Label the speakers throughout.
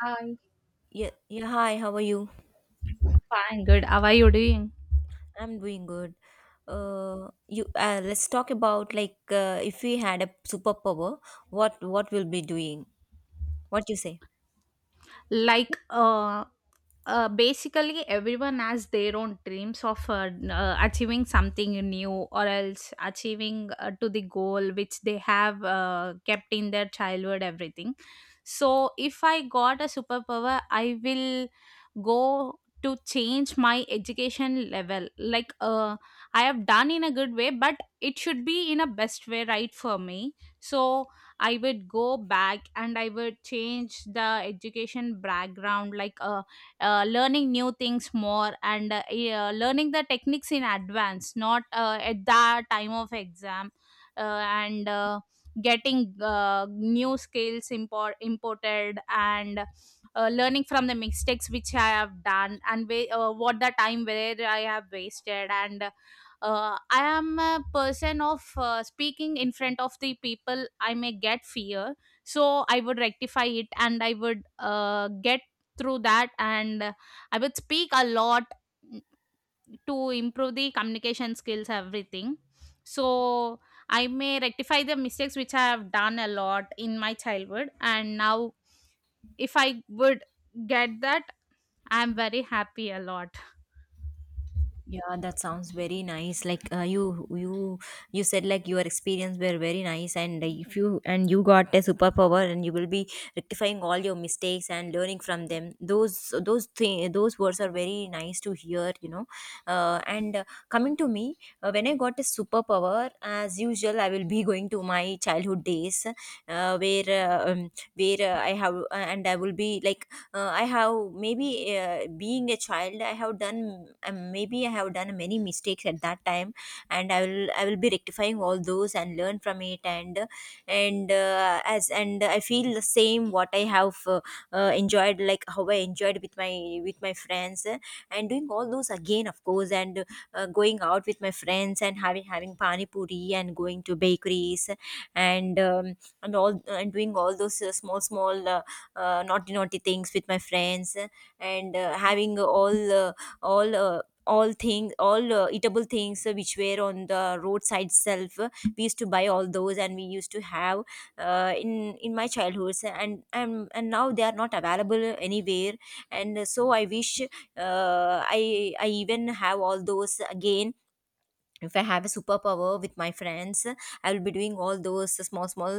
Speaker 1: Hi.
Speaker 2: Yeah, yeah. Hi, how are you?
Speaker 1: Fine, good. How are you doing?
Speaker 2: I'm doing good. You. Let's talk about like if we had a superpower, what we'll be doing. What you say?
Speaker 1: Like, uh, basically everyone has their own dreams of achieving something new or else achieving to the goal which they have kept in their childhood everything. So if I got a superpower, I will go to change my education level. I have done in a good way, but it should be in a best way, right, for me. So I would go back and I would change the education background, learning new things more and yeah, learning the techniques in advance, not at the time of exam. Uh, and Getting new skills imported, and learning from the mistakes which I have done, and what the time where I have wasted. And I am a person of speaking in front of the people, I may get fear. So I would rectify it, and I would get through that, and I would speak a lot, mm, to improve the communication skills, everything. So I may rectify the mistakes which I have done a lot in my childhood, and now if I would get that, I'm very happy a lot.
Speaker 2: Yeah, that sounds very nice. Like you said like your experience were very nice, and if you and you got a superpower, and you will be rectifying all your mistakes and learning from them. Those words are very nice to hear. You know, and Coming to me, when I got a superpower, as usual, I will be going to my childhood days, where I have and I will be like I have maybe being a child I have done maybe I have done many mistakes at that time, and I will be rectifying all those and learn from it. And I feel the same what I have enjoyed, like how I enjoyed with my friends, and doing all those again, of course. And going out with my friends and having pani puri and going to bakeries, and um, and all, and doing all those small naughty things with my friends, and having all all things, all eatable things which were on the roadside itself. We used to buy all those and we used to have, in my childhood, and now they are not available anywhere. And so I wish I even have all those again. If I have a superpower with my friends, I will be doing all those small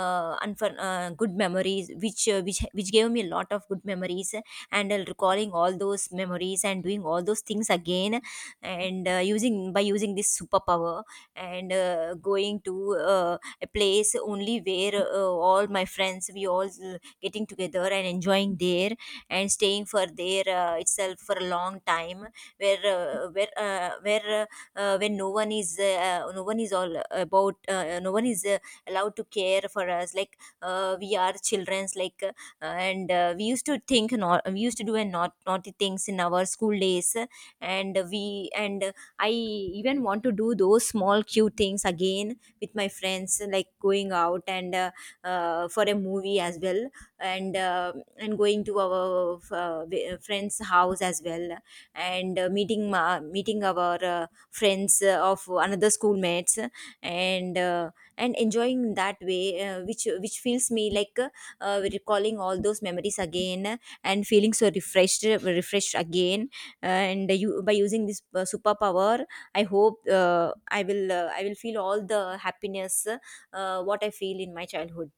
Speaker 2: good memories, which gave me a lot of good memories, and recalling all those memories and doing all those things again, and using by using this superpower, and going to a place only where all my friends, we all getting together and enjoying there, and staying for there itself for a long time, where when no one is no one is all about no one is allowed to care for us, like we are children's like. And we used to think, not we used to do, and not naughty things in our school days. And I even want to do those small cute things again with my friends, like going out, and for a movie as well, and uh, and going to our friends house as well, and meeting our friends of another schoolmates, and uh, and enjoying in that way, which feels me like recalling all those memories again and feeling so refreshed again. And you by using this superpower, I hope I will feel all the happiness what I feel in my childhood.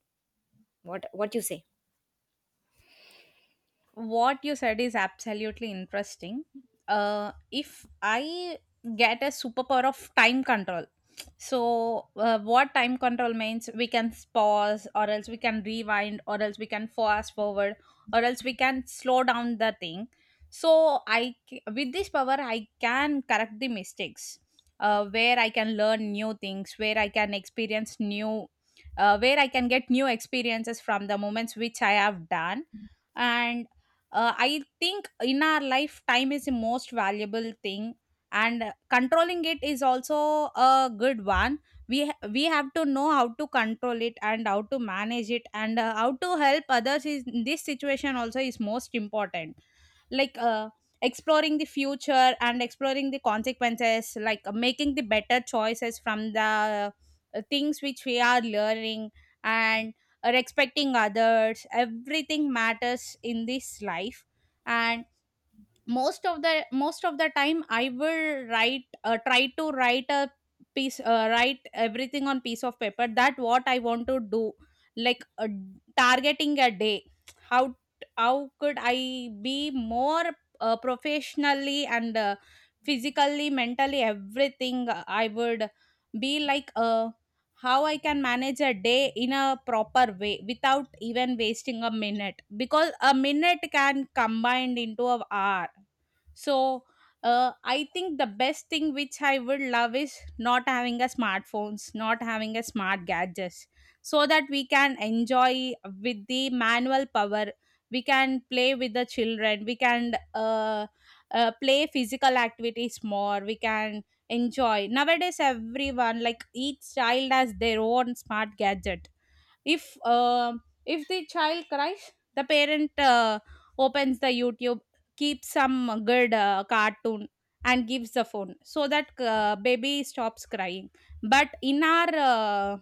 Speaker 2: What you say?
Speaker 1: What you said is absolutely interesting. If I get a superpower of time control, so what time control means, we can pause, or else we can rewind, or else we can fast forward, or else we can slow down the thing. So with this power I can correct the mistakes, where I can learn new things, where I can experience new, where I can get new experiences from the moments which I have done. And I think in our life, time is the most valuable thing, and controlling it is also a good one. We have to know how to control it, and how to manage it, and how to help others is in this situation also is most important. like uh, Exploring the future and exploring the consequences, making the better choices from the things which we are learning. And respecting others, everything matters in this life. And most of the time I will write try to write a piece write everything on piece of paper that what I want to do. like uh, Targeting a day, how — How could I be more professionally and physically, mentally, everything. I would be how I can manage a day in a proper way without even wasting a minute, because a minute can combined into an hour. So I think the best thing which I would love is not having a smartphones, not having a smart gadgets, so that we can enjoy with the manual power. We can play with the children, we can play physical activities more, we can enjoy. Nowadays everyone, like each child has their own smart gadget. if uh if the child cries, the parent opens the YouTube, keeps some good cartoon and gives the phone so that baby stops crying. But in our uh,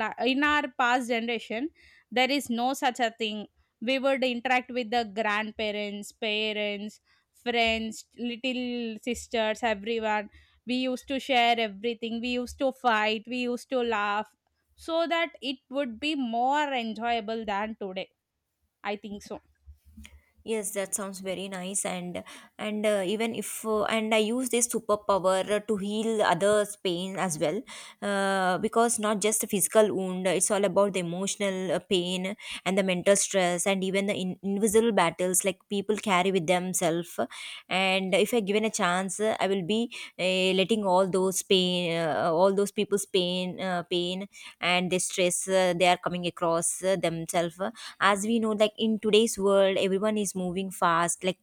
Speaker 1: la- in our past generation, there is no such a thing. We would interact with the grandparents, parents, friends, little sisters, everyone. We used to share everything, we used to fight, we used to laugh, so that it would be more enjoyable than today, I think so.
Speaker 2: Yes, that sounds very nice. And even if and I use this superpower to heal others' pain as well, because not just the physical wound, it's all about the emotional pain and the mental stress, and even the invisible battles like people carry with themselves. And if I given a chance, I will be letting all those pain, all those people's pain, pain and the stress they are coming across themselves. As we know, like in today's world everyone is moving fast, like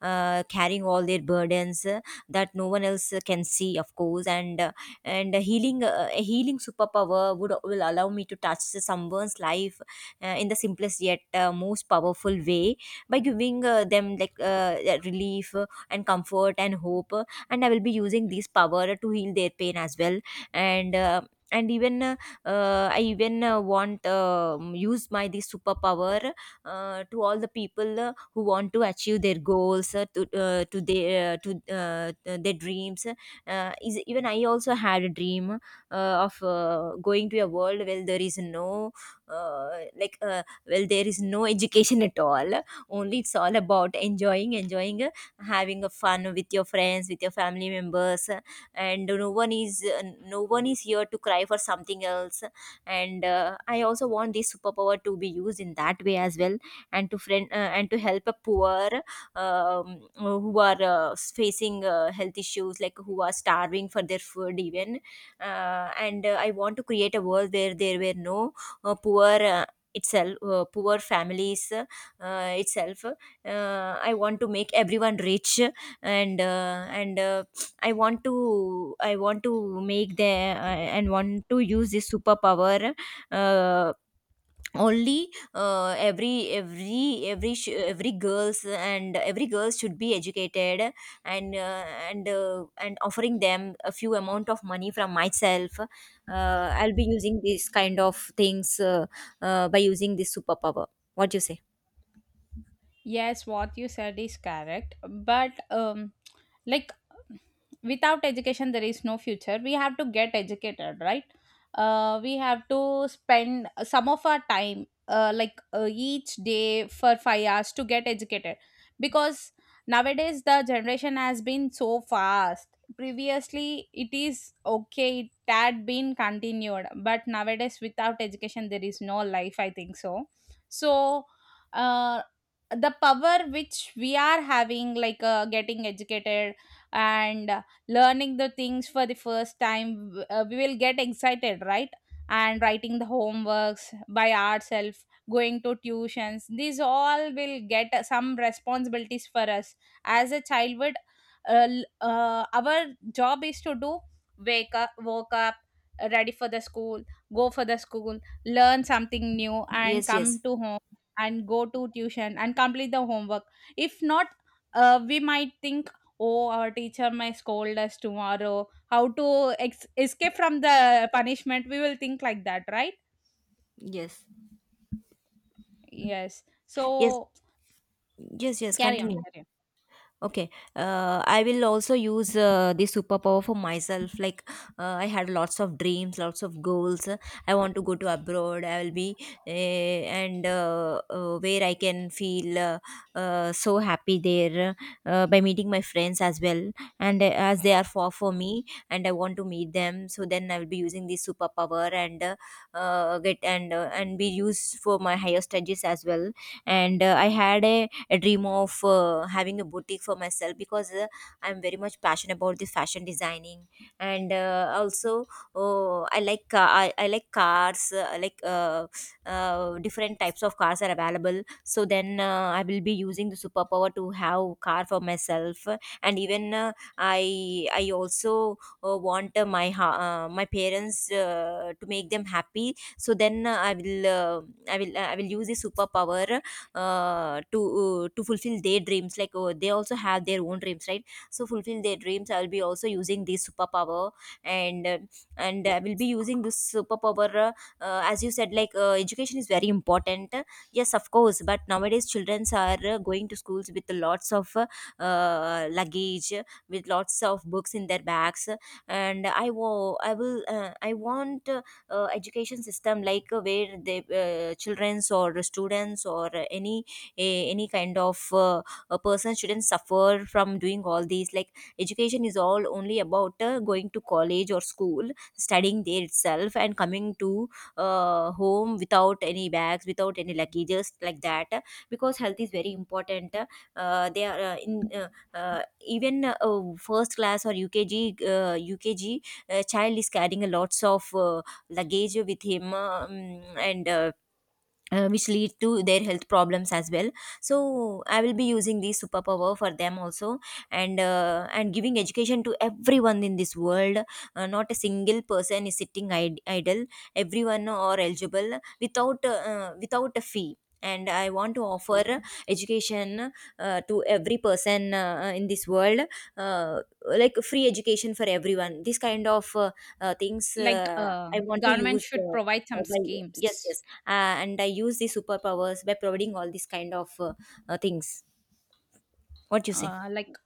Speaker 2: carrying all their burdens that no one else can see, of course. And uh, and healing uh, a healing superpower would will allow me to touch someone's life in the simplest yet most powerful way, by giving them like relief and comfort and hope. And I will be using this power to heal their pain as well. And and even I even want use my this superpower to all the people who want to achieve their goals, to uh, their dreams. Is Even I also had a dream of going to a world where there is no uh, there is no education at all, only it's all about enjoying having a fun with your friends, with your family members, and no one is here to cry for something else. And I also want this superpower to be used in that way as well, and to help a poor, who are facing health issues, like who are starving for their food even. And I want to create a world where there were no poor, itself poor families itself I want to make everyone rich. And I want to make the and want to use this superpower, uh, only every girls and every girls should be educated. And uh, and uh, and offering them a few amount of money from myself, I'll be using this kind of things, by using this superpower. What do you say?
Speaker 1: Yes, what you said is correct, but like without education there is no future. We have to get educated, right? We have to spend some of our time, each day for 5 hours to get educated, because nowadays the generation has been so fast. Previously, it is okay; it had been continued, but nowadays without education there is no life, I think so. So. uh, the power which we are having, like getting educated and learning the things for the first time, we will get excited, right? And writing the homeworks by ourselves, going to tuitions, these all will get some responsibilities for us. As a childhood, our job is to do: wake up, woke up, ready for the school, go for the school, learn something new and
Speaker 2: Yes, yes.
Speaker 1: come to home, and go to tuition and complete the homework. If not, we might think, oh, our teacher might scold us tomorrow, how to escape from the punishment, we will think like that, right?
Speaker 2: Yes,
Speaker 1: Yes,
Speaker 2: yes.
Speaker 1: so,
Speaker 2: Yes, yes,
Speaker 1: carry on,
Speaker 2: continue.
Speaker 1: carry on.
Speaker 2: Okay, I will also use this superpower for myself. Like, I had lots of dreams, lots of goals. I want to go to abroad. I will be, and where I can feel so happy there, by meeting my friends as well, and as they are far for me, and I want to meet them. So then I will be using this superpower and get, and and be used for my higher studies as well. And I had a I dream of having a boutique for myself because I'm very much passionate about the fashion designing, and also, oh, I like cars. I like Different types of cars are available, so then I will be using the superpower to have car for myself. And even uh, I I also want, my parents to make them happy, so then I will use the superpower to fulfill their dreams. Like, oh, they also have their own dreams, right? So fulfill their dreams, I will be also using this superpower. And uh, and I will be using this superpower, as you said, like education is very important. Yes, of course, but nowadays children are going to schools with lots of luggage, with lots of books in their bags. And I want education system like where the children's or students or any any kind of a person shouldn't suffer from doing all these. Like education is all only about going to college or school, studying there itself and coming to home without any bags, without any luggages, like that, because health is very important. They are in Even first class or UKG, uh, ukg child is carrying a lots of luggage with him, and which lead to their health problems as well. So I will be using this superpower for them also. And giving education to everyone in this world, not a single person is sitting idle. Everyone are eligible, without without a fee, and I want to offer education to every person, in this world, uh, like free education for everyone, this kind of things,
Speaker 1: like uh,
Speaker 2: I want to
Speaker 1: Government
Speaker 2: use,
Speaker 1: should provide some
Speaker 2: by yes,
Speaker 1: schemes.
Speaker 2: yes, and I use these superpowers by providing all these kind of things. What you say?
Speaker 1: Like,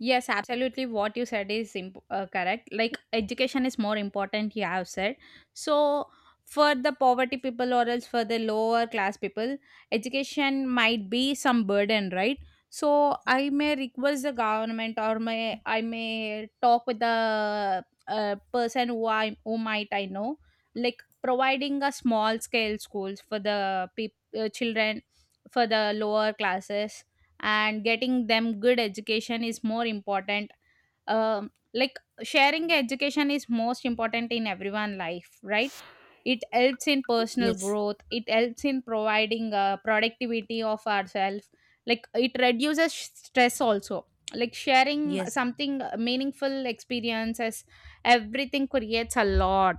Speaker 1: yes, absolutely. What you said is correct. Like education is more important, you have said. So for the poverty people, or else for the lower class people, education might be some burden, right? So I may request the government, or may I may talk with the person who I, who might I know, like providing a small scale schools for the peop children for the lower classes, and getting them good education is more important. Like sharing education is most important in everyone life, right? It helps in personal
Speaker 2: Yes,
Speaker 1: growth, it helps in providing productivity of ourselves, like it reduces stress also, like sharing
Speaker 2: yes,
Speaker 1: something meaningful experiences, everything creates a lot.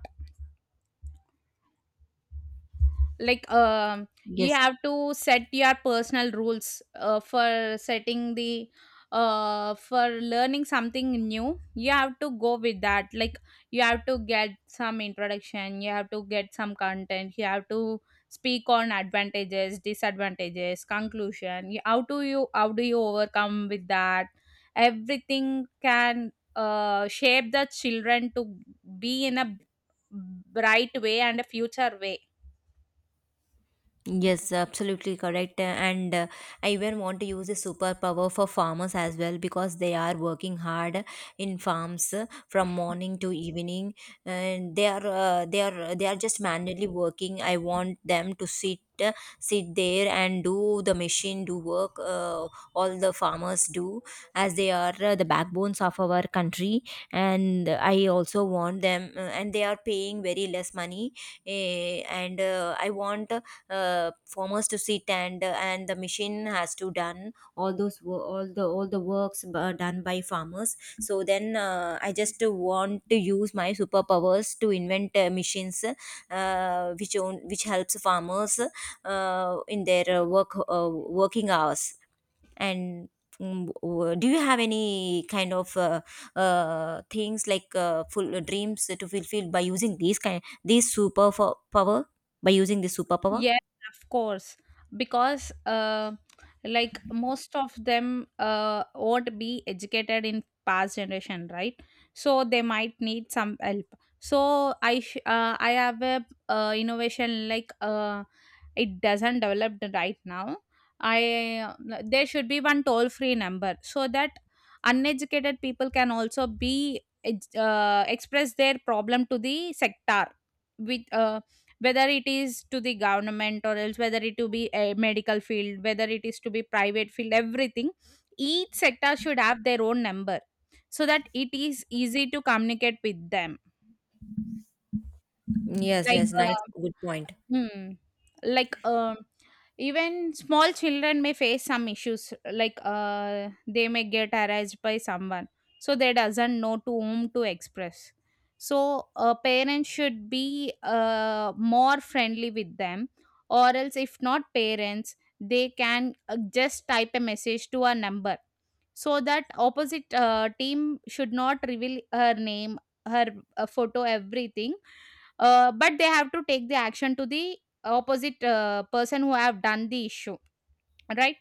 Speaker 1: like um you
Speaker 2: yes.
Speaker 1: have to set your personal rules for setting the for learning something new, you have to go with that. Like you have to get some introduction, you have to get some content, you have to speak on advantages, disadvantages, conclusion. How do you, how do you overcome with that? Everything can shape the children to be in a bright way and a future way.
Speaker 2: Yes, absolutely correct. And I even want to use a superpower for farmers as well, because they are working hard in farms from morning to evening, and they are they are just manually working. I want them to sit, sit there, and do the machine do work. All the farmers do, as they are the backbones of our country, and I also want them. And they are paying very less money. Eh, and I want farmers to sit, and the machine has to done all the works done by farmers. So then I just want to use my superpowers to invent machines which helps farmers in their working hours. And do you have any kind of things like full dreams to fulfill by using these kind these super fo- power by using this superpower?
Speaker 1: Yes, of course, because like most of them not be educated in past generation, right? So they might need some help. So I have a innovation, it doesn't develop right now. I There should be one toll free number so that uneducated people can also be express their problem to the sector, with whether it is to the government, or else whether it to be a medical field, whether it is to be private field, everything. Each sector should have their own number, so that it is easy to communicate with them.
Speaker 2: Yes,
Speaker 1: like
Speaker 2: yes, nice,
Speaker 1: uh,
Speaker 2: good point.
Speaker 1: hmm, like um Even small children may face some issues, like they may get harassed by someone, so they doesn't know to whom to express. So a parent should be more friendly with them, or else if not parents, they can just type a message to a number, so that opposite team should not reveal her name, her photo, everything. But they have to take the action to the opposite person who have done the issue, right?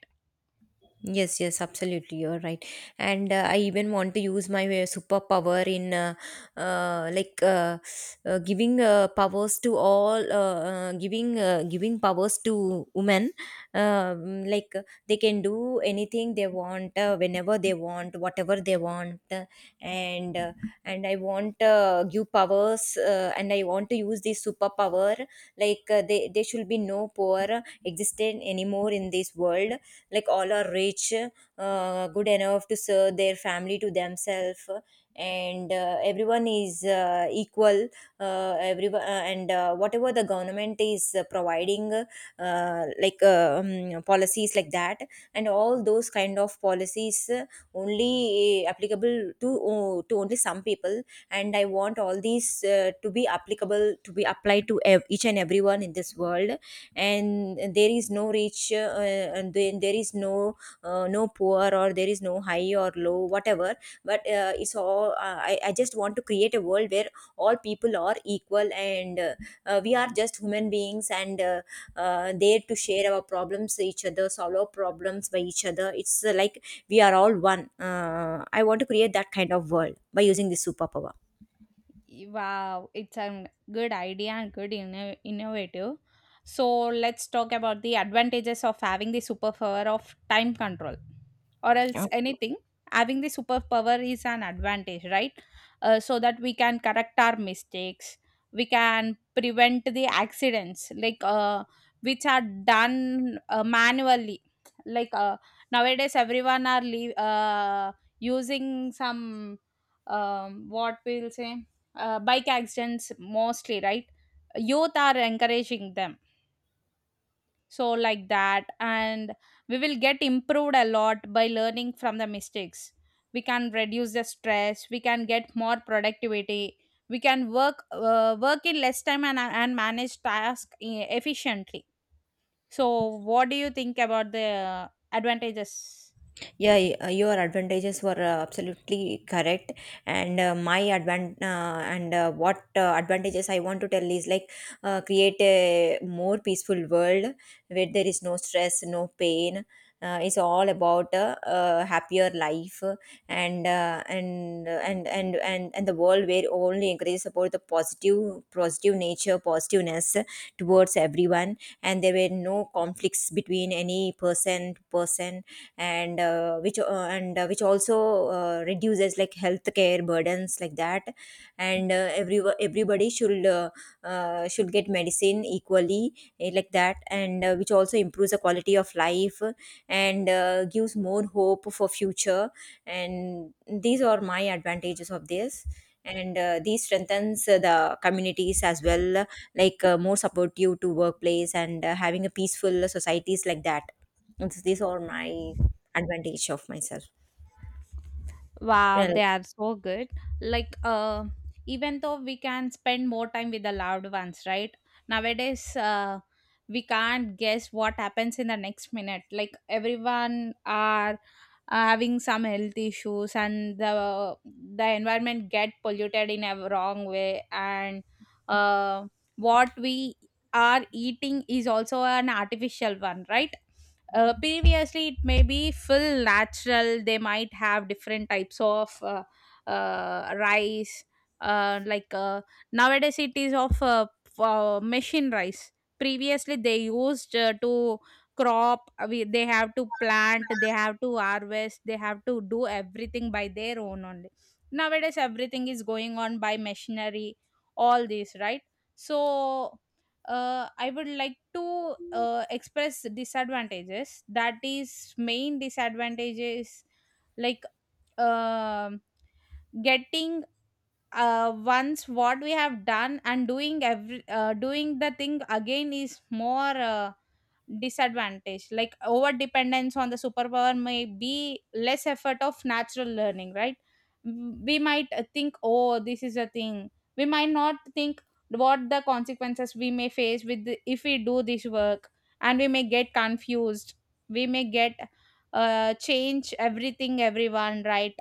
Speaker 2: Yes, yes, absolutely. You're right. And I even want to use my superpower in uh, like uh, giving powers to all, giving giving powers to women. Um, like uh, they can do anything they want, whenever they want, whatever they want. And uh, and I want give powers, and I want to use this superpower. There should be no poor existent anymore in this world, like all are rich, good enough to serve their family to themselves, and everyone is equal. Everyone and Whatever the government is providing, policies like that, and all those kind of policies only applicable to only some people. And I want all these to be applied to each and everyone in this world, and there is no rich, and then there is no no poor, or there is no high or low, whatever. But it's all I just want to create a world where all people are equal, and we are just human beings and there to share our problems to each other, solve our problems by each other. It's Like we are all one. I want to create that kind of world by using this superpower.
Speaker 1: Wow, it's a good idea and good innovative. So let's talk about the advantages of having the superpower of time control, or else
Speaker 2: Okay.
Speaker 1: anything. Having the superpower is an advantage, right? So that we can correct our mistakes, we can prevent the accidents, which are done manually, like uh, nowadays everyone are using some, what we'll say, bike accidents mostly, right? Youth are encouraging them, so like that. And we will get improved a lot by learning from the mistakes, we can reduce the stress, we can get more productivity, we can work in less time and, manage tasks efficiently. So what do you think about the advantages?
Speaker 2: Yeah, your advantages were absolutely correct, and uh, my advan uh, and what advantages I want to tell is like create a more peaceful world where there is no stress, no pain. It's all about a happier life, and the world where only encourages about the positive nature, positiveness towards everyone, and there were no conflicts between any person to person, and which also reduces like healthcare burdens, like that. And everybody should get medicine equally, like that, and which also improves the quality of life and gives more hope for future. And these are my advantages of this, and these strengthens the communities as well, like more supportive to workplace, and having a peaceful societies, like that. And so these are my advantage of myself.
Speaker 1: Wow,
Speaker 2: uh,
Speaker 1: they are so good. Like, uh, Even though we can spend more time with the loved ones, right? Nowadays, we can't guess what happens in the next minute. Like, everyone are having some health issues, and the environment get polluted in a wrong way. And uh, what we are eating is also an artificial one, right? Previously, it may be full natural. They might have different types of rice. Uh, like uh, Nowadays, it is of machine rice. Previously, they used to crop. We, they have to plant, they have to harvest, they have to do everything by their own only. Nowadays, everything is going on by machinery, all this, right? So I would like to express disadvantages. That is, main disadvantage is like um getting once what we have done and doing every doing the thing again is more disadvantage, like over dependence on the superpower may be less effort of natural learning, right? We might think, oh, this is a thing, we might not think what the consequences we may face with the, if we do this work. And we may get confused, we may get change everything, everyone, right,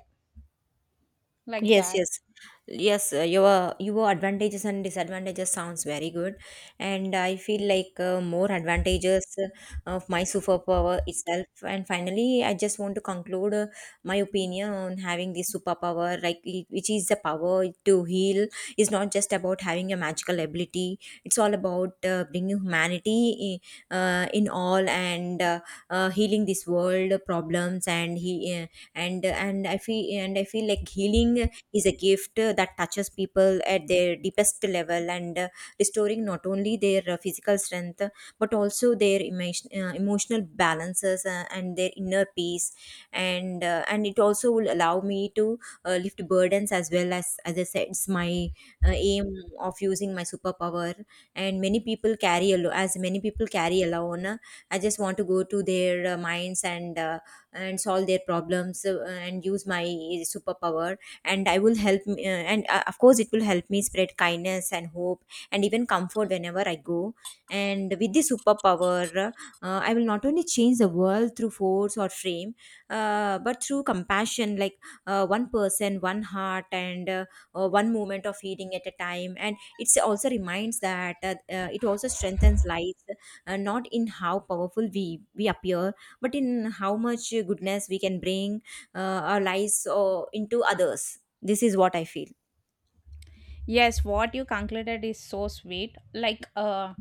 Speaker 1: like
Speaker 2: Yes,
Speaker 1: that.
Speaker 2: yes, yes. Your advantages and disadvantages sounds very good, and I feel like more advantages of my superpower itself. And finally, I just want to conclude my opinion on having this superpower, which is the power to heal, is not just about having a magical ability. It's all about bringing humanity in all, and healing this world problems, and he uh, and and I feel like healing is a gift that touches people at their deepest level, and restoring not only their physical strength, but also their emotional balances, and their inner peace. And it also will allow me to lift burdens, as well as I said, it's my aim of using my superpower. And many people carry alone. I just want to go to their minds, and solve their problems, and use my superpower. And I will help me, and of course, it will help me spread kindness and hope and even comfort whenever I go. And with this superpower, I will not only change the world through force or frame, but through compassion, like one person, one heart, and one moment of healing at a time. And it also reminds that it also strengthens life, not in how powerful we appear, but in how much goodness we can bring uh, our lives or into others. This is what I feel.
Speaker 1: Yes, what you concluded is so sweet. Like, uh,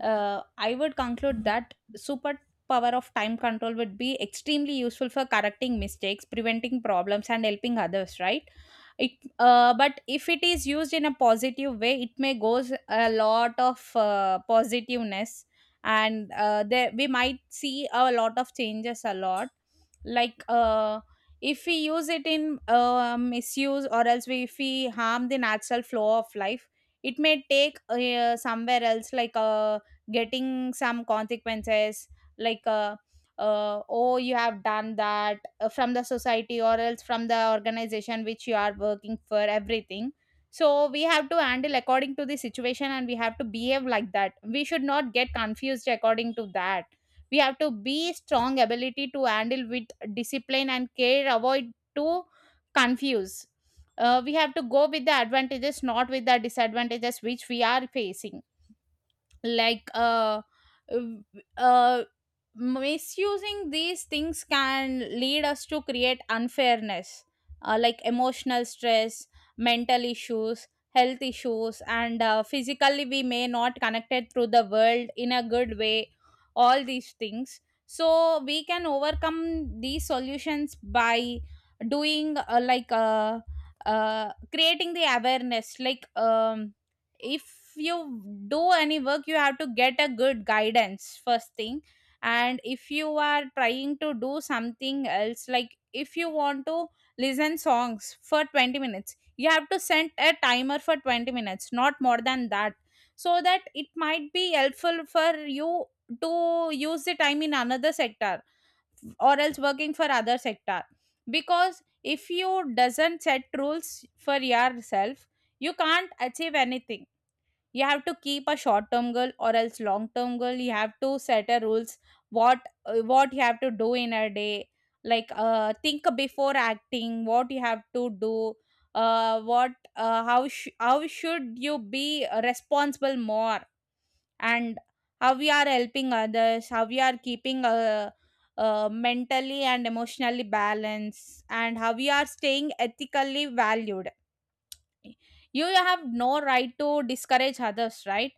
Speaker 1: uh, I would conclude that super power of time control would be extremely useful for correcting mistakes, preventing problems, and helping others, right? It, but if it is used in a positive way, it may goes a lot of positiveness, and there we might see a lot of changes, a lot. like uh if we use it in misuse, or else we, if we harm the natural flow of life, it may take somewhere else, getting some consequences, like uh, oh, you have done that from the society, or else from the organization which you are working for, everything. So we have to handle according to the situation, and we have to behave like that, we should not get confused according to that. We have to be strong ability to handle with discipline and care, avoid to confuse. We have to go with the advantages, not with the disadvantages which we are facing. like uh, w- uh, Misusing these things can lead us to create unfairness, like emotional stress, mental issues, health issues, and physically we may not connected through the world in a good way, all these things. So we can overcome these solutions by doing creating the awareness. If you do any work, you have to get a good guidance, first thing. And if you are trying to do something else, like if you want to listen songs for 20 minutes, you have to set a timer for 20 minutes, not more than that, so that it might be helpful for you to use the time in another sector, or else working for other sector. Because if you doesn't set rules for yourself, you can't achieve anything. You have to keep a short term goal, or else long term goal, you have to set a rules. What what you have to do in a day, think before acting what you have to do. How should you be responsible more, and how we are helping others, how we are keeping mentally and emotionally balanced, and how we are staying ethically valued. You have no right to discourage others, right?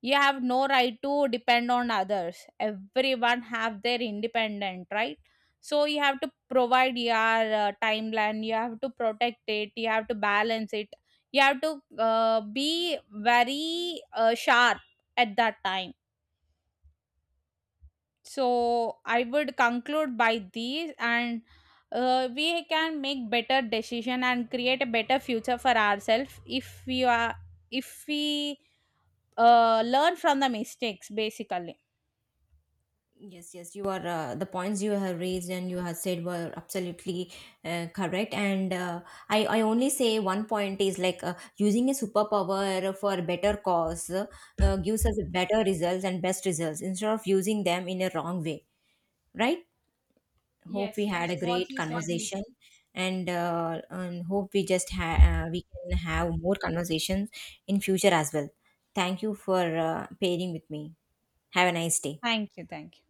Speaker 1: You have no right to depend on others, everyone have their independent right. So you have to provide your timeline, you have to protect it, you have to balance it, you have to be very sharp at that time. So I would conclude by these. And we can make better decision and create a better future for ourselves, if we are, if we learn from the mistakes basically.
Speaker 2: Yes, yes, you are. The points you have raised and you have said were absolutely correct. And I only say one point is like using a superpower for a better cause gives us better results and best results instead of using them in a wrong way, right? Hope
Speaker 1: Yes,
Speaker 2: we had a
Speaker 1: yes.
Speaker 2: Yes.
Speaker 1: What
Speaker 2: great
Speaker 1: you said is —
Speaker 2: conversation, and and hope we just we can have more conversations in future as well. Thank you for pairing with me. Have a nice day.
Speaker 1: Thank you. Thank you.